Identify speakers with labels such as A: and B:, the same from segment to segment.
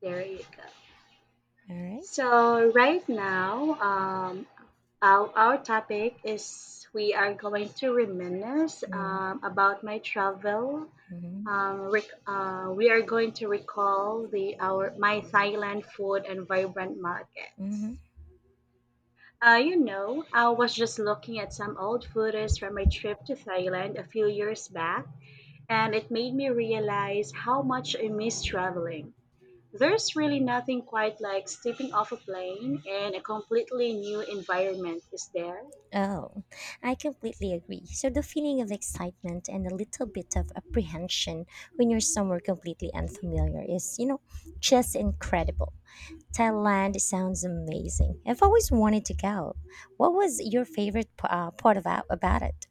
A: There you go.
B: All right.
A: So right now, our topic is we are going to reminisce about my travel.
B: Mm-hmm.
A: We are going to recall the our my Thailand food and vibrant markets.
B: Mm-hmm.
A: I was just looking at some old photos from my trip to Thailand a few years back, and it made me realize how much I miss traveling. There's really nothing quite like stepping off a plane in a completely new environment, is there?
B: Oh, I completely agree. So, the feeling of excitement and a little bit of apprehension when you're somewhere completely unfamiliar is, just incredible. Thailand sounds amazing. I've always wanted to go. What was your favorite part about it?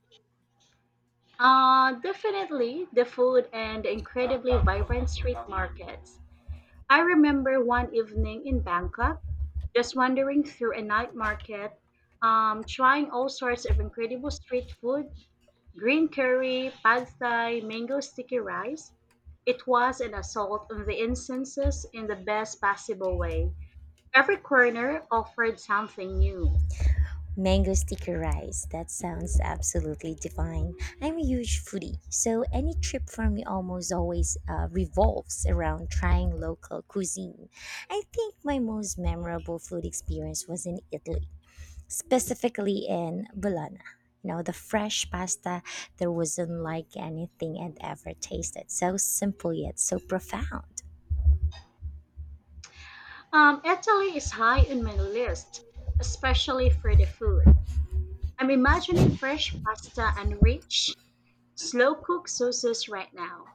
A: Definitely the food and the incredibly vibrant street markets. I remember one evening in Bangkok, just wandering through a night market, trying all sorts of incredible street food: green curry, pad thai, mango sticky rice. It was an assault on the incenses in the best possible way. Every corner offered something new.
B: Mango sticky rice. That sounds absolutely divine. I'm a huge foodie, so any trip for me almost always revolves around trying local cuisine. I think my most memorable food experience was in Italy, specifically in Bologna. You know, the fresh pasta there wasn't like anything I'd ever tasted. So simple yet so profound.
A: Italy is high on my list, especially for the food. I'm imagining fresh pasta and rich, slow cooked sauces right now.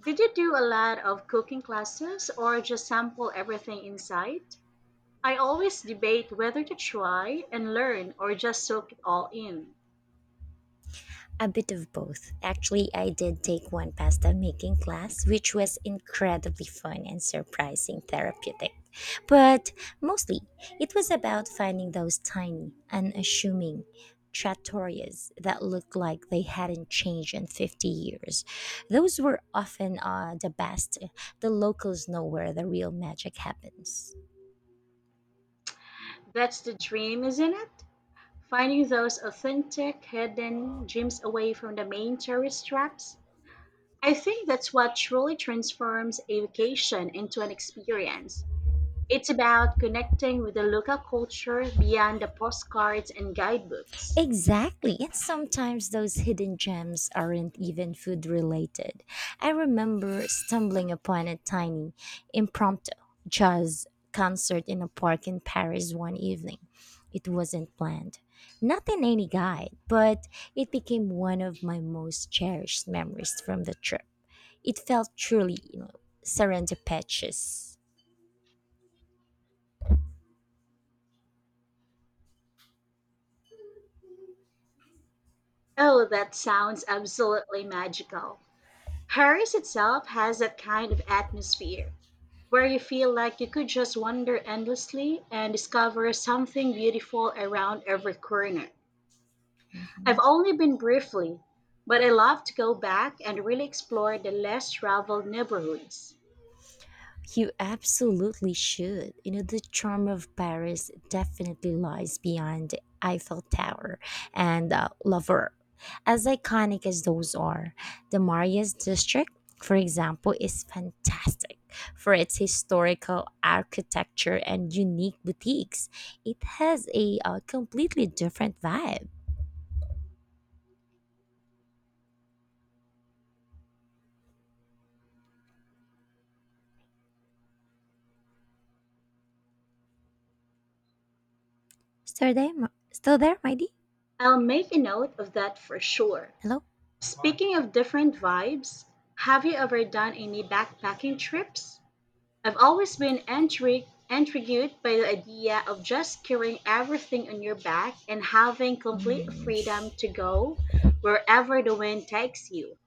A: Did you do a lot of cooking classes or just sample everything in sight? I always debate whether to try and learn or just soak it all in.
B: A bit of both. Actually, I did take one pasta making class, which was incredibly fun and surprising therapeutic. But mostly, it was about finding those tiny, unassuming trattorias that looked like they hadn't changed in 50 years. Those were often the best. The locals know where the real magic happens.
A: That's the dream, isn't it? Finding those authentic, hidden gems away from the main tourist traps. I think that's what truly transforms a vacation into an experience. It's about connecting with the local culture beyond the postcards and guidebooks.
B: Exactly. And sometimes those hidden gems aren't even food related. I remember stumbling upon a tiny impromptu jazz concert in a park in Paris one evening. It wasn't planned. Not in any guide, but it became one of my most cherished memories from the trip. It felt truly, serendipitous.
A: Oh, that sounds absolutely magical. Paris itself has that kind of atmosphere where you feel like you could just wander endlessly and discover something beautiful around every corner. I've only been briefly, but I love to go back and really explore the less traveled neighborhoods.
B: You absolutely should. You know, the charm of Paris definitely lies beyond the Eiffel Tower and Louvre. As iconic as those are, the Marius district, for example, is fantastic for its historical architecture and unique boutiques. It has a completely different vibe. Still there, still there, Mighty?
A: I'll make a note of that for sure.
B: Hello?
A: Speaking of different vibes, have you ever done any backpacking trips? I've always been intrigued by the idea of just carrying everything on your back and having complete
B: Mm,
A: freedom
B: sh-
A: to go wherever the wind takes you.